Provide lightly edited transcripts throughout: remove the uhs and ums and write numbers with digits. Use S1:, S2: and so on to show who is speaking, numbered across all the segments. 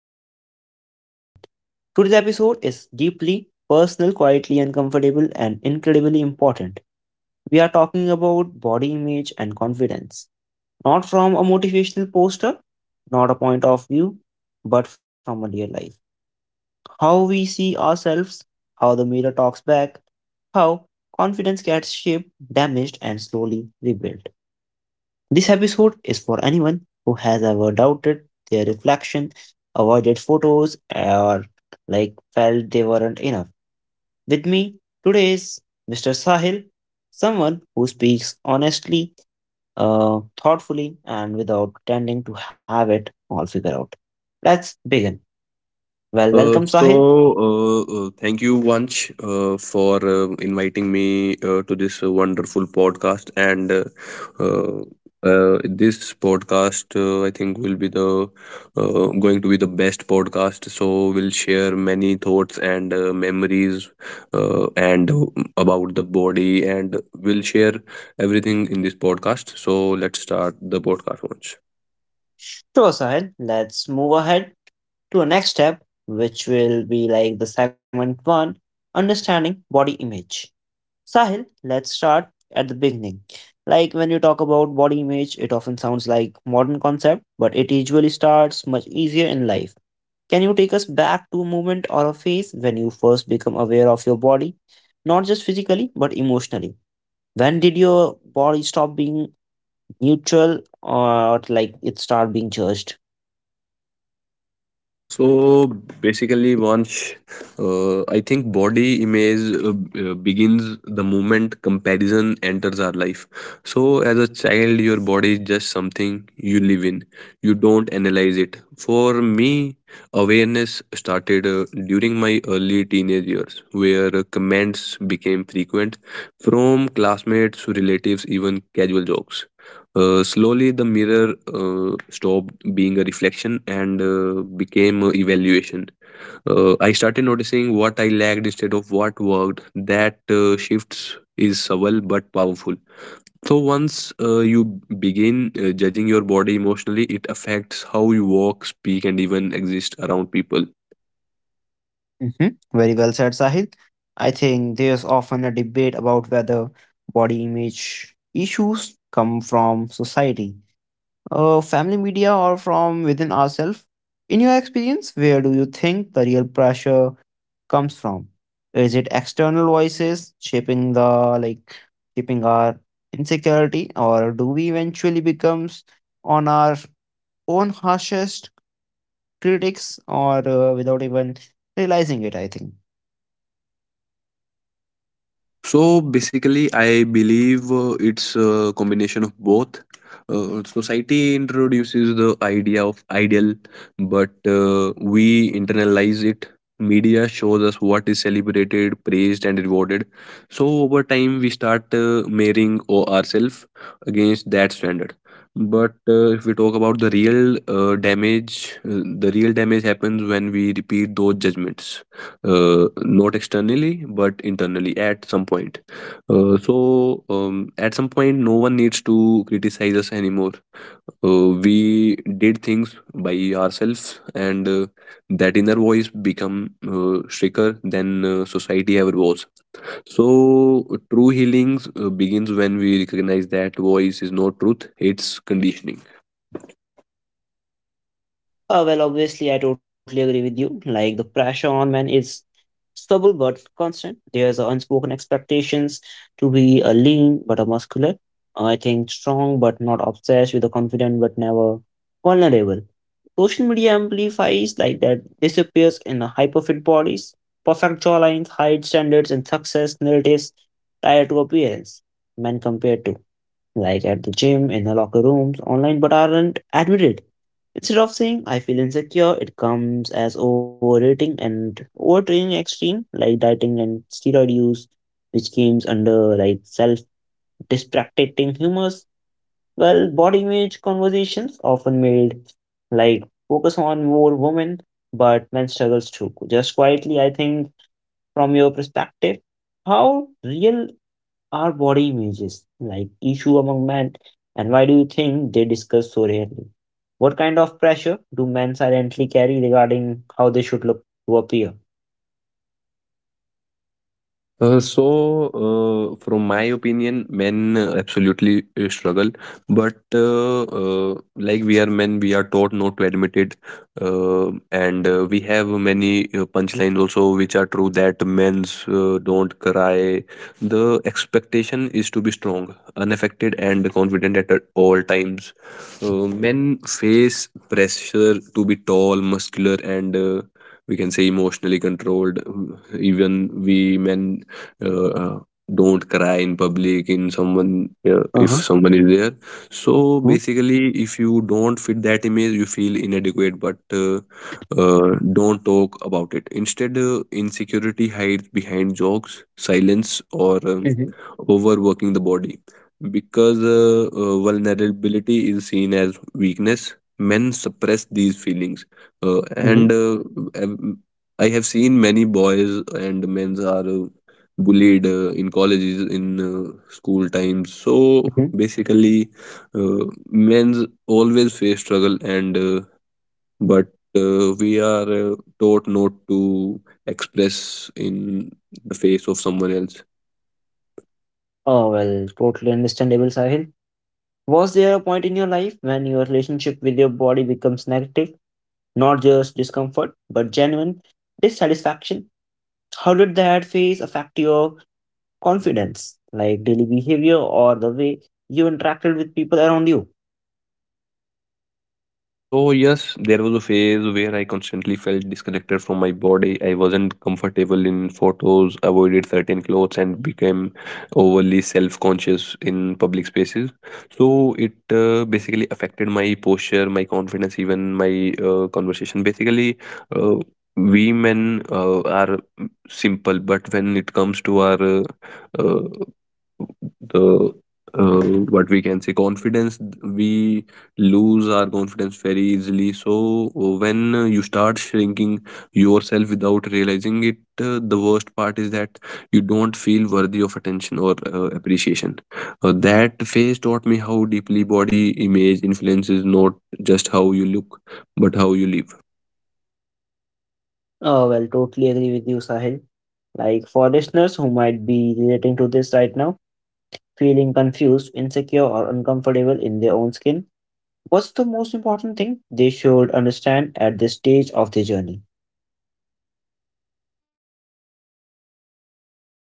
S1: your host, Vansh Chauhan. Today's episode is deeply personal, quietly uncomfortable, and incredibly important. We are talking about body image and confidence, not from a motivational poster, not a point of view, but from a real life. How we see ourselves, how the mirror talks back, how confidence gets shaped, damaged, and slowly rebuilt. This episode is for anyone who has ever doubted their reflection, avoided photos, or like felt they weren't enough. With me today is Mr. Sahil, someone who speaks honestly, thoughtfully, and without pretending to have it all figured out. Let's begin. Well,
S2: Uh,
S1: welcome
S2: so,
S1: Sahil.
S2: Thank you, Vanch, for inviting me to this wonderful podcast. And uh, this podcast, I think, will be the going to be the best podcast. So, we'll share many thoughts and memories, and about the body, and we'll share everything in this podcast. So, let's start the podcast, Vanch.
S1: Sure, Sahil. Let's move ahead to our next step, which will be like the segment one, understanding body image. Sahil, let's start at the beginning. Like, when you talk about body image, it often sounds like modern concept, but it usually starts much easier in life. Can you take us back to a moment or a phase when you first become aware of your body, not just physically but emotionally? When did your body stop being neutral, or like it start being judged?
S2: So basically, once I think body image begins the moment comparison enters our life. So, as a child, your body is just something you live in, you don't analyze it. For me, awareness started during my early teenage years, where comments became frequent from classmates, relatives, even casual jokes. Slowly, the mirror stopped being a reflection and became a evaluation. I started noticing what I lacked instead of what worked. That shifts is subtle but powerful. So once you begin judging your body emotionally, it affects how you walk, speak, and even exist around people.
S1: Hmm. Very well said, Sahil. I think there's often a debate about whether body image issues come from society, family media, or from within ourselves. In your experience, where do you think the real pressure comes from? Is it external voices shaping the like shaping our insecurity, or do we eventually becomes on our own harshest critics, or without even realizing it? I think.
S2: So basically, I believe it's a combination of both. Society introduces the idea of ideal, but we internalize it. Media shows us what is celebrated, praised, and rewarded. So over time, we start marrying ourselves against that standard. But if we talk about the real damage, the real damage happens when we repeat those judgments not externally but internally at some point, at some point no one needs to criticize us anymore. We did things by ourselves, and that inner voice become stricter than society ever was. So true healings begins when we recognize that voice is not truth, it's conditioning.
S1: Well, obviously, I totally agree with you. Like, the pressure on men is stubble but constant. There's an unspoken expectations to be a lean but a muscular. I think strong but not obsessed with a confident but never vulnerable. Social media amplifies like that disappears in a hyperfit bodies, perfect jawlines, height standards, and success narratives tied to appearance. Men compared to, like, at the gym, in the locker rooms, online, but aren't admitted. Instead of saying I feel insecure, it comes as overeating and overtraining extreme, like dieting and steroid use, which comes under like self distracting humors. Well, body image conversations often made like focus on more women, but men struggles too. Just quietly, I think, from your perspective, how real our body images, like issue among men, and why do you think they discuss so rarely? What kind of pressure do men silently carry regarding how they should look to appear?
S2: Uh, so, from my opinion, men absolutely struggle, but like we are men, we are taught not to admit it, and we have many punchlines also which are true that men's don't cry. The expectation is to be strong, unaffected, and confident at all times. Men face pressure to be tall, muscular, and we can say emotionally controlled. Even we men uh, uh, don't cry in public in someone if
S1: Uh-huh.
S2: someone is there. So basically, if you don't fit that image you feel inadequate, but don't talk about it. Instead insecurity hides behind jokes, silence, or
S1: Mm-hmm.
S2: overworking the body, because vulnerability is seen as weakness. Men suppress these feelings, uh,
S1: Mm-hmm.
S2: and um, I have seen many boys and men are bullied in colleges, in school times. So
S1: Hmm.
S2: basically, uh, men always face struggle, and but we are taught not to express in the face of someone else.
S1: Oh, well, totally understandable, Sahil. Was there a point in your life when your relationship with your body becomes negative? Not just discomfort, but genuine dissatisfaction? How did that phase affect your confidence, like daily behavior or the way you interacted with people around you?
S2: So yes, there was a phase where I constantly felt disconnected from my body. I wasn't comfortable in photos, avoided certain clothes, and became overly self-conscious in public spaces. So it basically affected my posture, my confidence, even my conversation. Basically, uh, we men are simple, but when it comes to our uh, the uh, what we can say confidence, we lose our confidence very easily. So, when you start shrinking yourself without realizing it, the worst part is that you don't feel worthy of attention or appreciation. That phase taught me how deeply body image influences not just how you look, but how you live.
S1: Oh, well, totally agree with you, Sahil. Like, for listeners who might be relating to this right now, feeling confused, insecure, or uncomfortable in their own skin, what's the most important thing they should understand at this stage of their journey?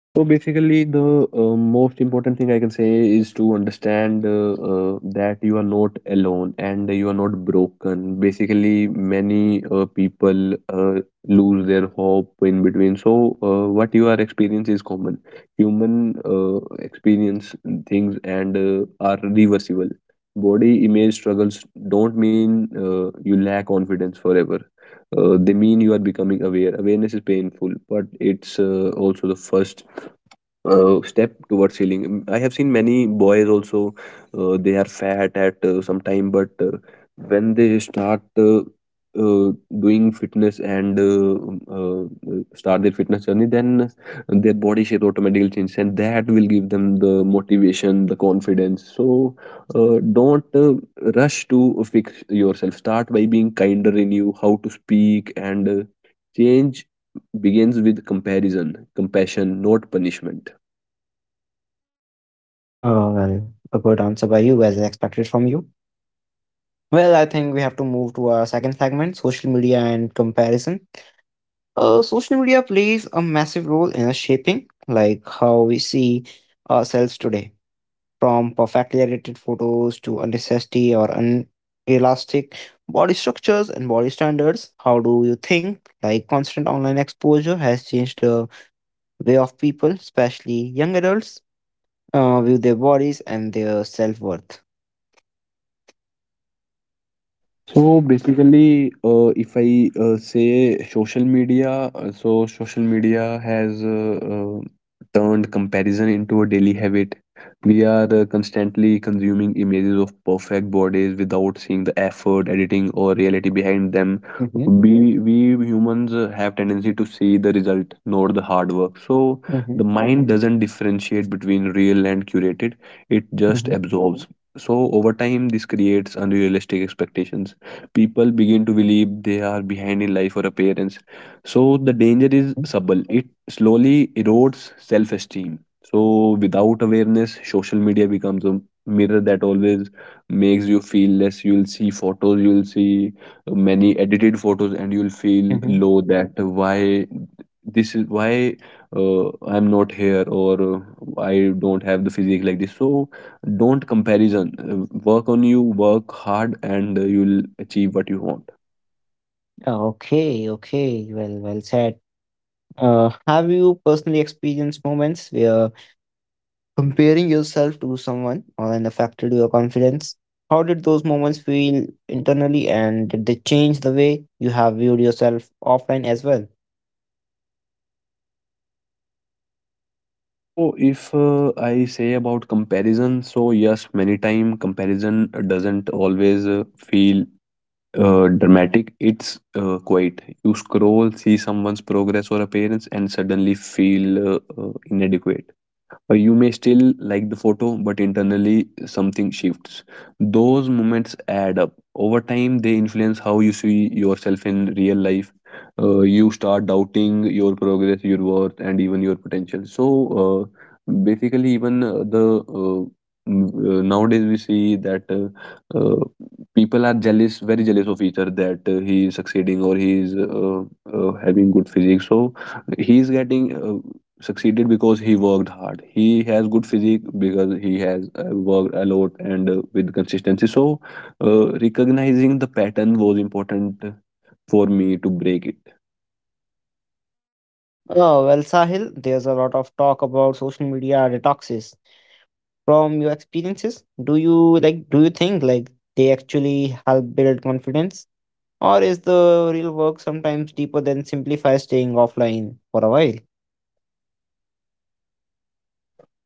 S2: So basically, the most important thing I can say is to understand that you are not alone and you are not broken. Basically, many people lose their hope in between. So, what you are experiencing is common. Human experience things, and are reversible. Body image struggles don't mean you lack confidence forever, they mean you are becoming aware. Awareness is painful, but it's also the first step towards healing. Mm, I have seen many boys also, they are fat at some time, but when they start uh, doing fitness and start their fitness journey, then their body shape automatically changes, and that will give them the motivation, the confidence. So, don't rush to fix yourself. Start by being kinder in you, how to speak, and change begins with comparison, compassion, not punishment.
S1: Oh, well, a good answer by you, as expected from you. Well, I think we have to move to our second segment, social media and comparison. Social media plays a massive role in shaping like how we see ourselves today, from perfectly edited photos to unnecessary or unelastic body structures and body standards. How do you think like constant online exposure has changed the way of people, especially young adults, view their bodies and their self worth?
S2: So basically, if I say social media, so social media has turned comparison into a daily habit. We are constantly consuming images of perfect bodies without seeing the effort, editing, or reality behind them.
S1: Mm-hmm.
S2: We humans have tendency to see the result, not the hard work. So
S1: Mm-hmm.
S2: the mind doesn't differentiate between real and curated; it just
S1: Mm-hmm.
S2: absorbs. So over time, this creates unrealistic expectations. People begin to believe they are behind in life or appearance. So the danger is subtle. It slowly erodes self-esteem. So without awareness, social media becomes a mirror that always makes you feel less. You'll see photos, you'll see many edited photos, and you'll feel
S1: Mm-hmm.
S2: low that why this is why I'm not here or I don't have the physique like this. So don't comparison. Work on you, work hard, and you'll achieve what you want.
S1: Okay, okay. Well, well said. Have you personally experienced moments where comparing yourself to someone online affected your confidence? How did those moments feel internally, and did they change the way you have viewed yourself offline as well?
S2: So if I say about comparison, so yes, many time comparison doesn't always feel dramatic, it's quite. You scroll, see someone's progress or appearance and suddenly feel inadequate. You may still like the photo, but internally something shifts. Those moments add up. Over time, they influence how you see yourself in real life. You start doubting your progress, your worth, and even your potential. So, basically, even nowadays we see that uh, people are jealous, very jealous of each other, that he is succeeding or he is having good physique. So, he is getting succeeded because he worked hard. He has good physique because he has worked a lot and with consistency. So, recognizing the pattern was important for me to break it.
S1: Oh, well, Sahil, there's a lot of talk about social media detoxes. From your experiences, do you think like they actually help build confidence? Or is the real work sometimes deeper than simplify staying offline for a while?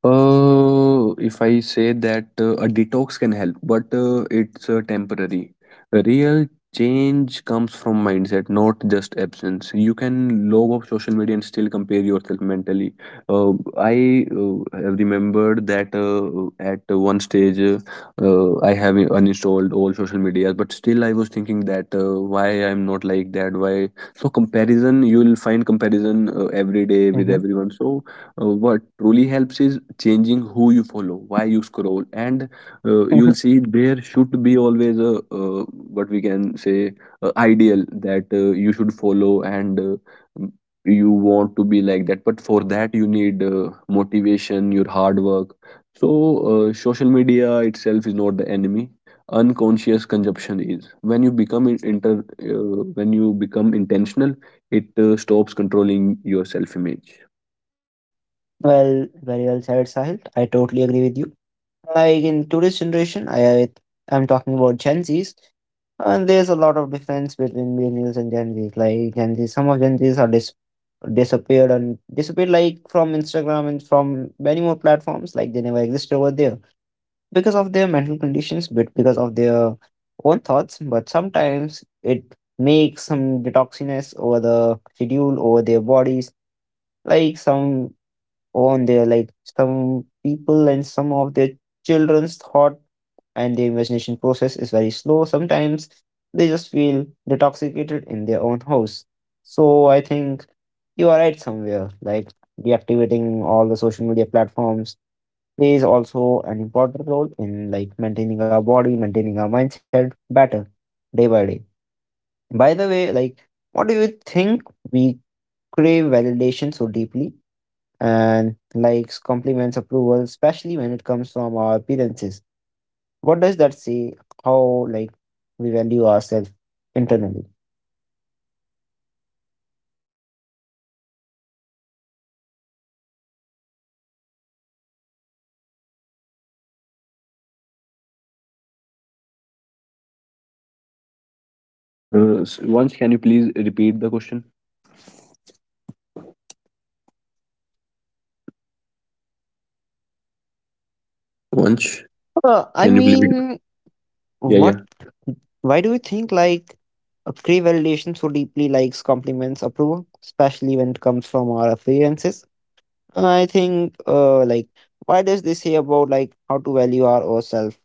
S2: If I say that a detox can help, but it's temporary. Real change comes from mindset, not just absence. You can log off social media and still compare yourself mentally. Uh, I have remembered that at one stage, I have uninstalled all social media, but still I was thinking that why I'm not like that. Why? So comparison, you will find comparison every day with
S1: Hmm.
S2: everyone. So what truly helps is changing who you follow, why you scroll, and you'll see there should be always a uh, what we can say ideal that you should follow, and m- you want to be like that, but for that you need motivation, your hard work. So social media itself is not the enemy, unconscious consumption is. When you become in- inter when you become intentional, it stops controlling your self image.
S1: Well, very well said, Sahil. I totally agree with you. Like, in today's generation, I'm talking about Gen Zs, and there's a lot of difference between millennials and Gen Zs. Like, Gen Z, some of Gen Zs are disappeared and disappeared like from Instagram and from many more platforms. Like, they never existed over there, because of their mental conditions, but because of their own thoughts. But sometimes it makes some detoxiness over the schedule, over their bodies. Like, some on their like some people and some of their children's thought and their imagination process is very slow. Sometimes they just feel detoxicated in their own house. So I think you are right somewhere. Like, deactivating all the social media platforms plays also an important role in like maintaining our body, maintaining our mindset better day by day. By the way, like, what do you think we crave validation so deeply? And likes, compliments, approval, especially when it comes from our appearances. What does that say? How like we value ourselves internally?
S2: Once, can you please repeat the question? Once,
S1: I
S2: can you believe it?
S1: mean,
S2: Yeah, yeah.
S1: what? Why do we think like a crave validation so deeply, likes, compliments, approval, especially when it comes from our appearances? I think, like, why does this say about like how to value ourselves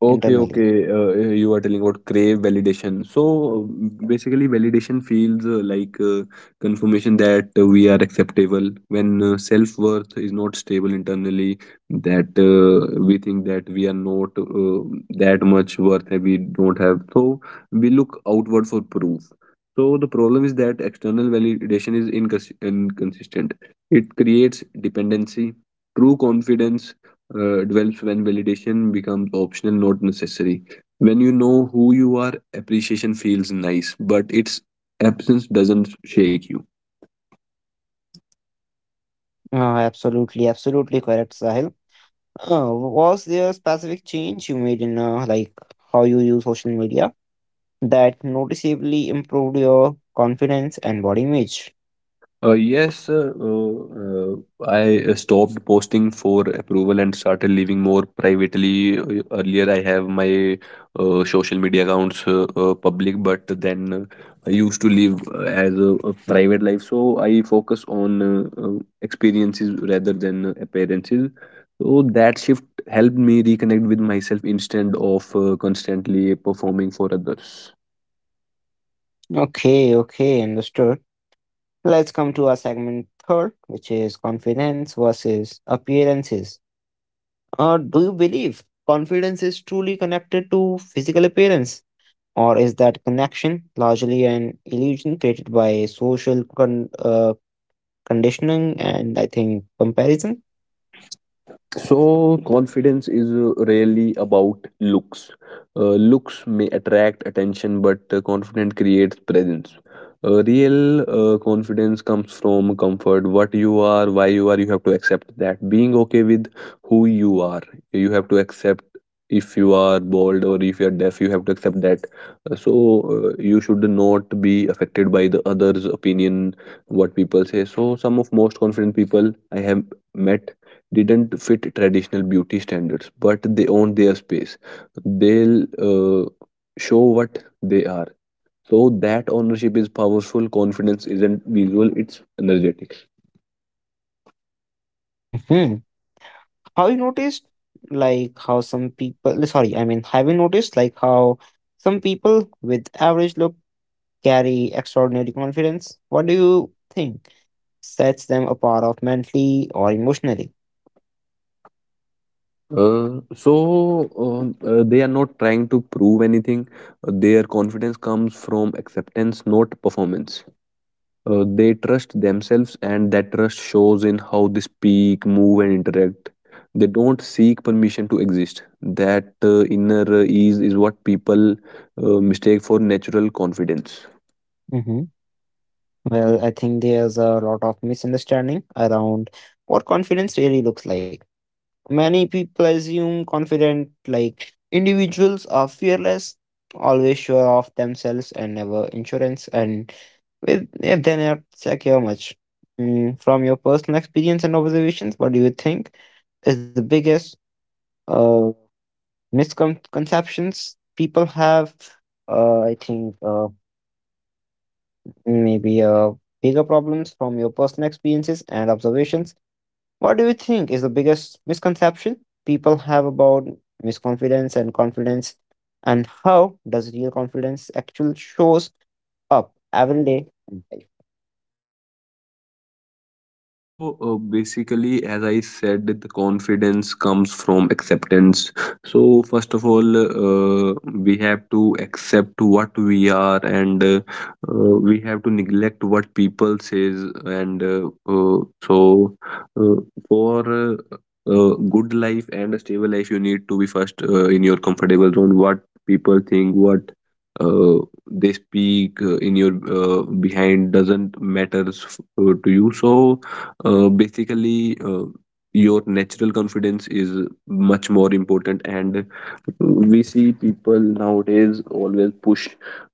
S2: Okay,
S1: internally?
S2: okay. You are telling about crave validation. So basically, validation feels like confirmation that we are acceptable. When self-worth is not stable internally, that we think that we are not that much worth and we don't have. So we look outward for proof. So the problem is that external validation is inconsistent. It creates dependency. True confidence develops when validation becomes optional, not necessary. When you know who you are, appreciation feels nice, but its absence doesn't shake you.
S1: Absolutely, absolutely correct, Sahil. Was there a specific change you made in, like, how you use social media that noticeably improved your confidence and body image?
S2: Yes, I stopped posting for approval and started living more privately. Earlier, I have my social media accounts public, but then I used to live as a private life. So I focus on experiences rather than appearances. So that shift helped me reconnect with myself instead of constantly performing for others.
S1: Okay, okay, understood. Let's come to our segment third, which is confidence versus appearances. Do you believe confidence is truly connected to physical appearance, or is that connection largely an illusion created by social conditioning and I think comparison?
S2: So, confidence is really about looks. Looks may attract attention, but confidence creates presence. Real confidence comes from comfort. What you are, why you are, you have to accept that. Being okay with who you are, you have to accept. If you are bald or if you are deaf, you have to accept that. So you should not be affected by the others' opinion, what people say. So some of most confident people I have met didn't fit traditional beauty standards, but they own their space. They'll uh, show what they are. So that ownership is powerful. Confidence isn't visual; it's energetic.
S1: Hmm. Have you noticed like how some people, no, sorry, I mean, have you noticed like how some people with average look carry extraordinary confidence? What do you think sets them apart of mentally or emotionally?
S2: Uh, so they are not trying to prove anything. Their confidence comes from acceptance, not performance. They trust themselves, and that trust shows in how they speak, move, and interact. They don't seek permission to exist. That inner ease is what people mistake for natural confidence.
S1: Hmm. Well, I think there's a lot of misunderstanding around what confidence really looks like. Many people assume confident, like, individuals are fearless, always sure of themselves and never insurance and with yeah, then I'd check how much. Mm, from your personal experience and observations, what do you think is the biggest uh, misconceptions people have? I think, maybe, bigger problems from your personal experiences and observations. What do you think is the biggest misconception people have about misconfidence and confidence, and how does real confidence actually shows up every day in life?
S2: Basically, as I said, the confidence comes from acceptance. So, first of all, uh, we have to accept what we are, and we have to neglect what people says. So, uh, for uh, a good life and a stable life, you need to be first in your comfortable zone. What people think, what uh, they speak in your behind doesn't matters to you. So basically, your natural confidence is much more important, and we see people nowadays always push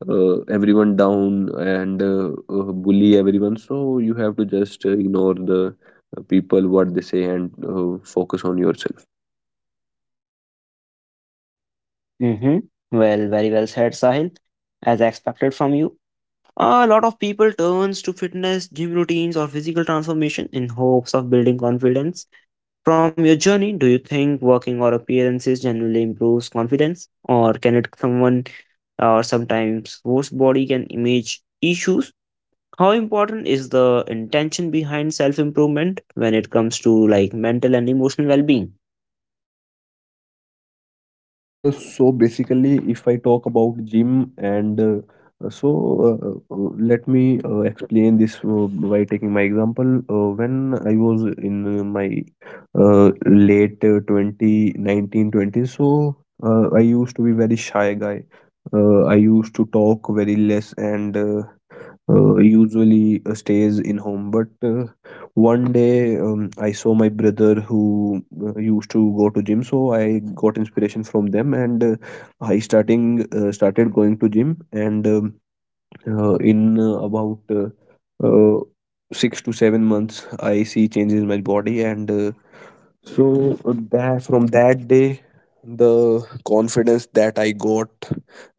S2: everyone down and bully everyone. So you have to just ignore the people what they say and focus on yourself.
S1: Mm-hmm. Well, very well said, Sahil. As I expected from you, a lot of people turns to fitness, gym routines, or physical transformation in hopes of building confidence. From your journey, do you think working or appearances generally improves confidence, or can it someone or sometimes worse body can image issues? How important is the intention behind self improvement when it comes to like mental and emotional well being?
S2: So basically, if I talk about gym and uh, so let me explain this by taking my example. When I was in my late 20, 19-20, so I used to be very shy guy. I used to talk very less and usually stays in home. But one day, I saw my brother who used to go to gym, so I got inspiration from them, and I starting started going to gym. And in about uh, 6 to 7 months, I see changes in my body, and so that from that day, the confidence that I got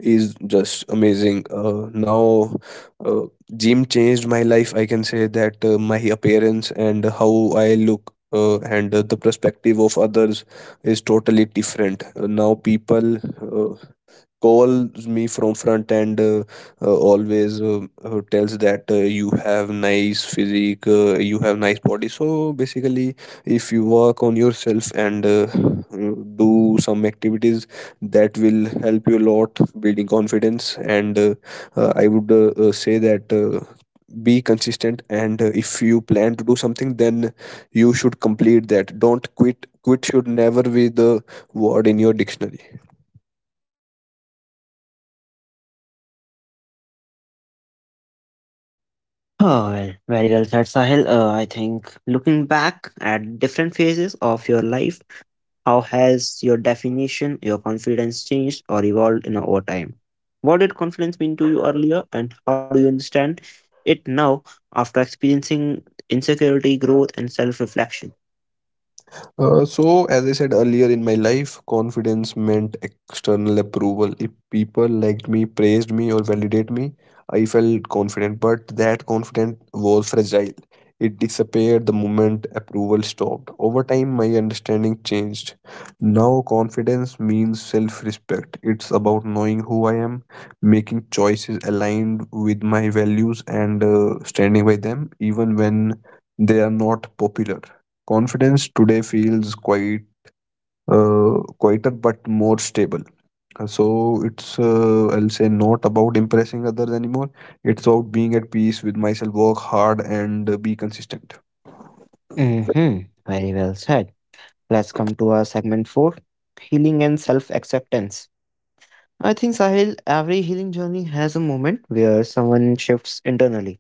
S2: is just amazing. Now, uh, gym changed my life. I can say that my appearance and how I look. And the perspective of others is totally different. Now people calls me from front and always tells that you have nice physique, you have nice body. So basically, if you work on yourself and do some activities, that will help you a lot building confidence. And I would say that be consistent, and if you plan to do something, then you should complete that. Don't quit. Should never be the word in your dictionary.
S1: Oh, well, very well said, Sahil. I think, looking back at different phases of your life, how has your definition, your confidence, changed or evolved in over time? What did confidence mean to you earlier, and how do you understand it now, after experiencing insecurity, growth, and self reflection?
S2: As I said, earlier in my life, confidence meant external approval. If people liked me, praised me, or validated me, I felt confident, but that confidence was fragile. It disappeared the moment approval stopped. Over time, my understanding changed. Now, confidence means self respect. It's about knowing who I am, making choices aligned with my values, and standing by them, even when they are not popular. Confidence today feels quite uh, quieter but more stable. So it's I'll say not about impressing others anymore. It's about being at peace with myself, work hard, and be consistent.
S1: Mm-hmm. Very well said. Let's come to our segment four, healing and self acceptance. I think, Sahil, every healing journey has a moment where someone shifts internally.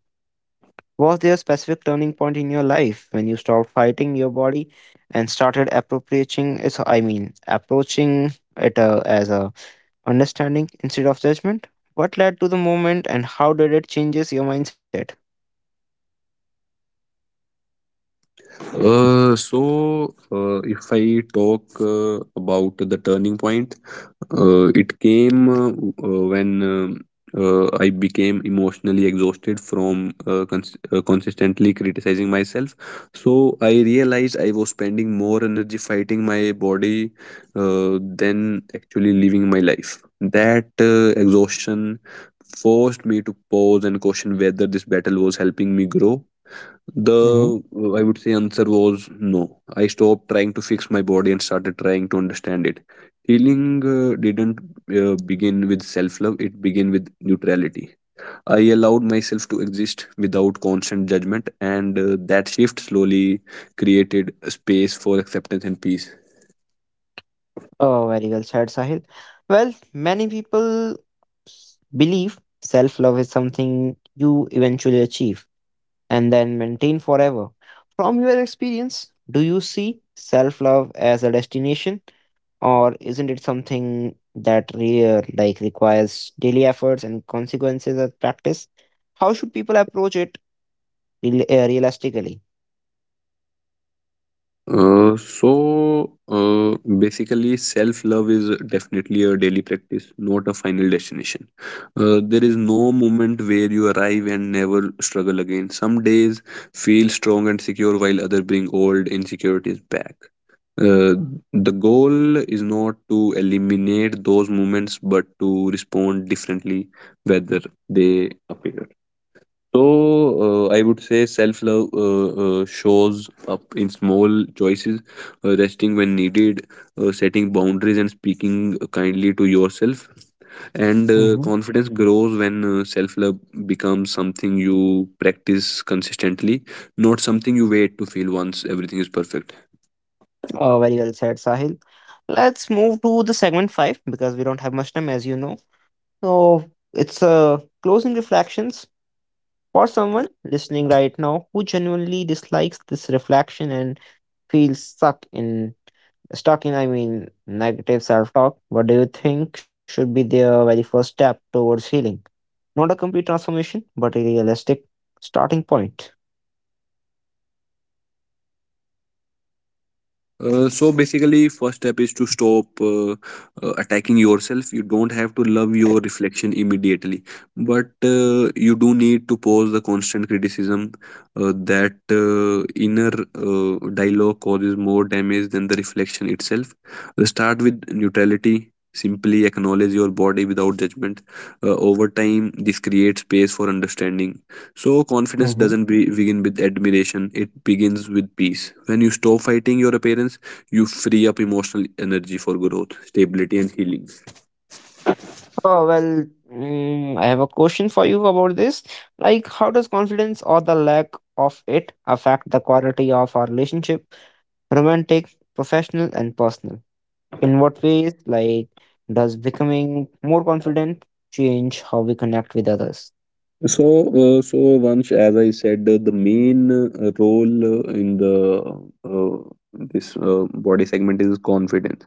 S1: Was there a specific turning point in your life when you stopped fighting your body and started approaching it? I mean, approaching it, as a understanding instead of judgment. What led to the moment, and how did it changes your mindset?
S2: If I talk about the turning point, it came when I became emotionally exhausted from consistently criticizing myself. So, I realized I was spending more energy fighting my body than actually living my life. That exhaustion forced me to pause and question whether this battle was helping me grow.
S1: Hmm.
S2: The I would say answer was no. I stopped trying to fix my body and started trying to understand it. Healing didn't begin with self love, it began with neutrality. I allowed myself to exist without constant judgment, and that shift slowly created a space for acceptance and peace.
S1: Oh, very well said, Sahil. Well, many people believe self love is something you eventually achieve and then maintain forever. From your experience, do you see self love as a destination, or isn't it something that rare, like, requires daily efforts and consequences of practice? How should people approach it realistically?
S2: Basically, self love is definitely a daily practice, not a final destination. There is no moment where you arrive and never struggle again. Some days feel strong and secure, while others bring old insecurities back. Uh, the goal is not to eliminate those moments, but to respond differently whether they appear. So, I would say self love shows up in small choices, resting when needed, setting boundaries, and speaking kindly to yourself. And
S1: Hmm.
S2: confidence grows when self love becomes something you practice consistently, not something you wait to feel once everything is perfect.
S1: Oh, very well said, Sahil. Let's move to the segment five, because we don't have much time, as you know. So it's, closing reflections for someone listening right now who genuinely dislikes this reflection and feels stuck in stalking, I mean, negative self talk. What do you think should be the very first step towards healing? Not a complete transformation, but a realistic starting point.
S2: Basically, first step is to stop attacking yourself. You don't have to love your reflection immediately, but you do need to pause the constant criticism. That inner dialogue causes more damage than the reflection itself. Start with neutrality, simply acknowledge your body without judgment. Uh, over time this creates space for understanding. So, confidence
S1: Hmm.
S2: doesn't be, begin with admiration, it begins with peace. When you stop fighting your appearance, you free up emotional energy for growth, stability, and healing.
S1: Oh, well, I have a question for you about this. Like, how does confidence or the lack of it affect the quality of our relationship, romantic, professional, and personal? In what ways, like, does becoming more confident change how we connect with others?
S2: So, so, Vansh, as I said, the main role in the uh, this body segment is confidence.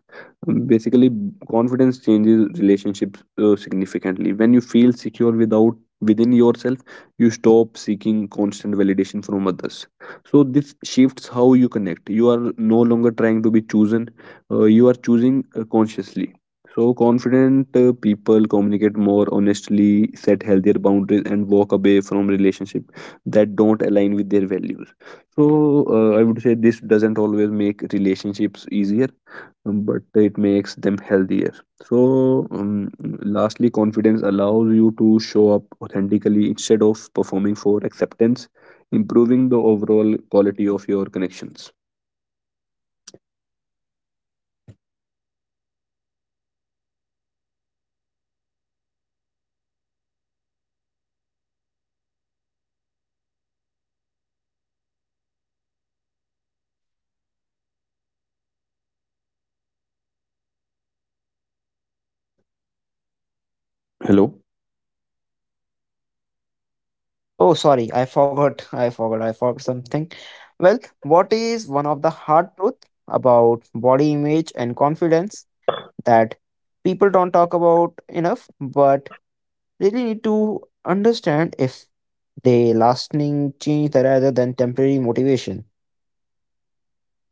S2: Basically, confidence changes relationships significantly. When you feel secure without within yourself, you stop seeking constant validation from others. So this shifts how you connect. You are no longer trying to be chosen. You are choosing consciously. So, confident people communicate more honestly, set healthier boundaries, and walk away from relationships that don't align with their values. So, I would say this doesn't always make relationships easier, but it makes them healthier. So, lastly, confidence allows you to show up authentically instead of performing for acceptance, improving the overall quality of your connections. Hello.
S1: Oh, sorry, I forgot. I forgot. I forgot something. Well, what is one of the hard truth about body image and confidence that people don't talk about enough, but really need to understand if they lasting change rather than temporary motivation?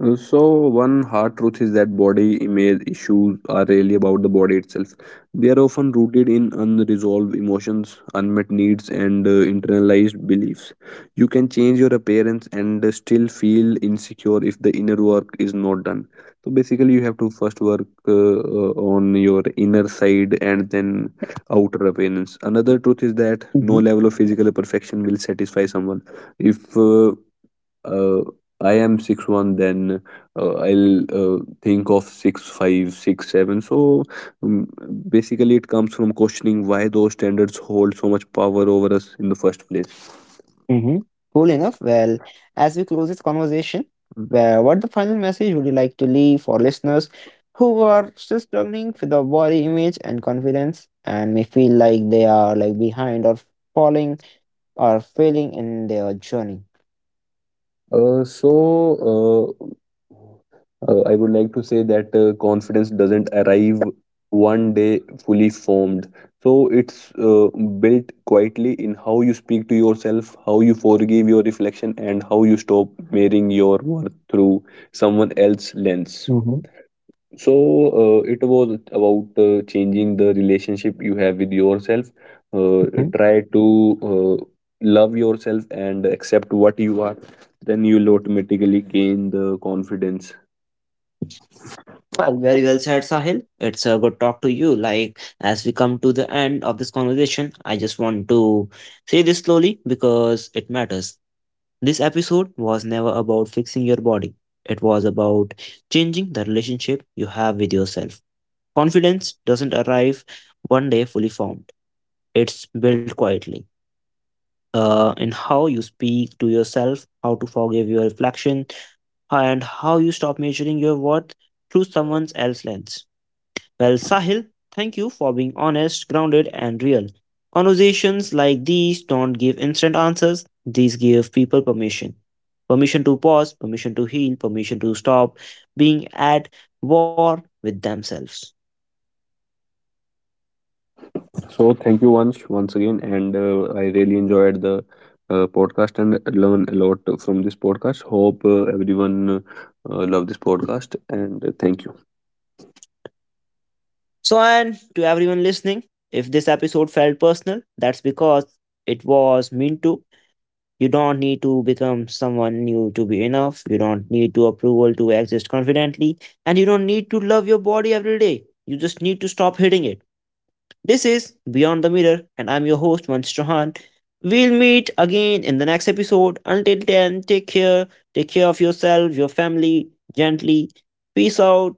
S2: Uh, So, One hard truth is that body image issues are really about the body itself. They are often rooted in unresolved emotions, unmet needs, and internalized beliefs. You can change your appearance and still feel insecure if the inner work is not done. So, basically, you have to first work on your inner side and then outer appearance. Another truth is that no level of physical perfection will satisfy someone. If uh, I am 6'1", then I'll think of 6'5", 6'7". So um, basically, it comes from questioning why those standards hold so much power over us in the first place.
S1: Mhm. Cool enough. Well, as we close this conversation, what the final message would you like to leave for listeners who are still struggling with the body image and confidence and may feel like they are like behind or falling or failing in their journey?
S2: Uh, so, uh, I would like to say that confidence doesn't arrive one day fully formed. So, it's built quietly in how you speak to yourself, how you forgive your reflection, and how you stop measuring your worth through someone else's lens.
S1: Mhm.
S2: So, it was about changing the relationship you have with yourself. Uh,
S1: Mhm.
S2: try to uh, love yourself and accept what you are. Then you'll automatically gain the confidence.
S1: Well, very well said, Sahil. It's a good talk to you. Like, as we come to the end of this conversation, I just want to say this slowly, because it matters. This episode was never about fixing your body. It was about changing the relationship you have with yourself. Confidence doesn't arrive one day fully formed, it's built quietly. In how you speak to yourself, how to forgive your reflection, and how you stop measuring your worth through someone else's lens. Well, Sahil, thank you for being honest, grounded, and real. Conversations like these don't give instant answers, these give people permission. Permission to pause, permission to heal, permission to stop being at war with themselves.
S2: So, thank you once again, and I really enjoyed the podcast and learn a lot from this podcast. Hope everyone love this podcast, and thank you.
S1: So, and to everyone listening, if this episode felt personal, that's because it was meant to. You don't need to become someone new to be enough. You don't need to approval to exist confidently. And you don't need to love your body every day. You just need to stop hitting it. This is Beyond the Mirror, and I'm your host, Vansh Chauhan. We'll meet again in the next episode. Until then, take care. Take care of yourself, your family, gently. Peace out.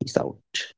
S1: Peace out.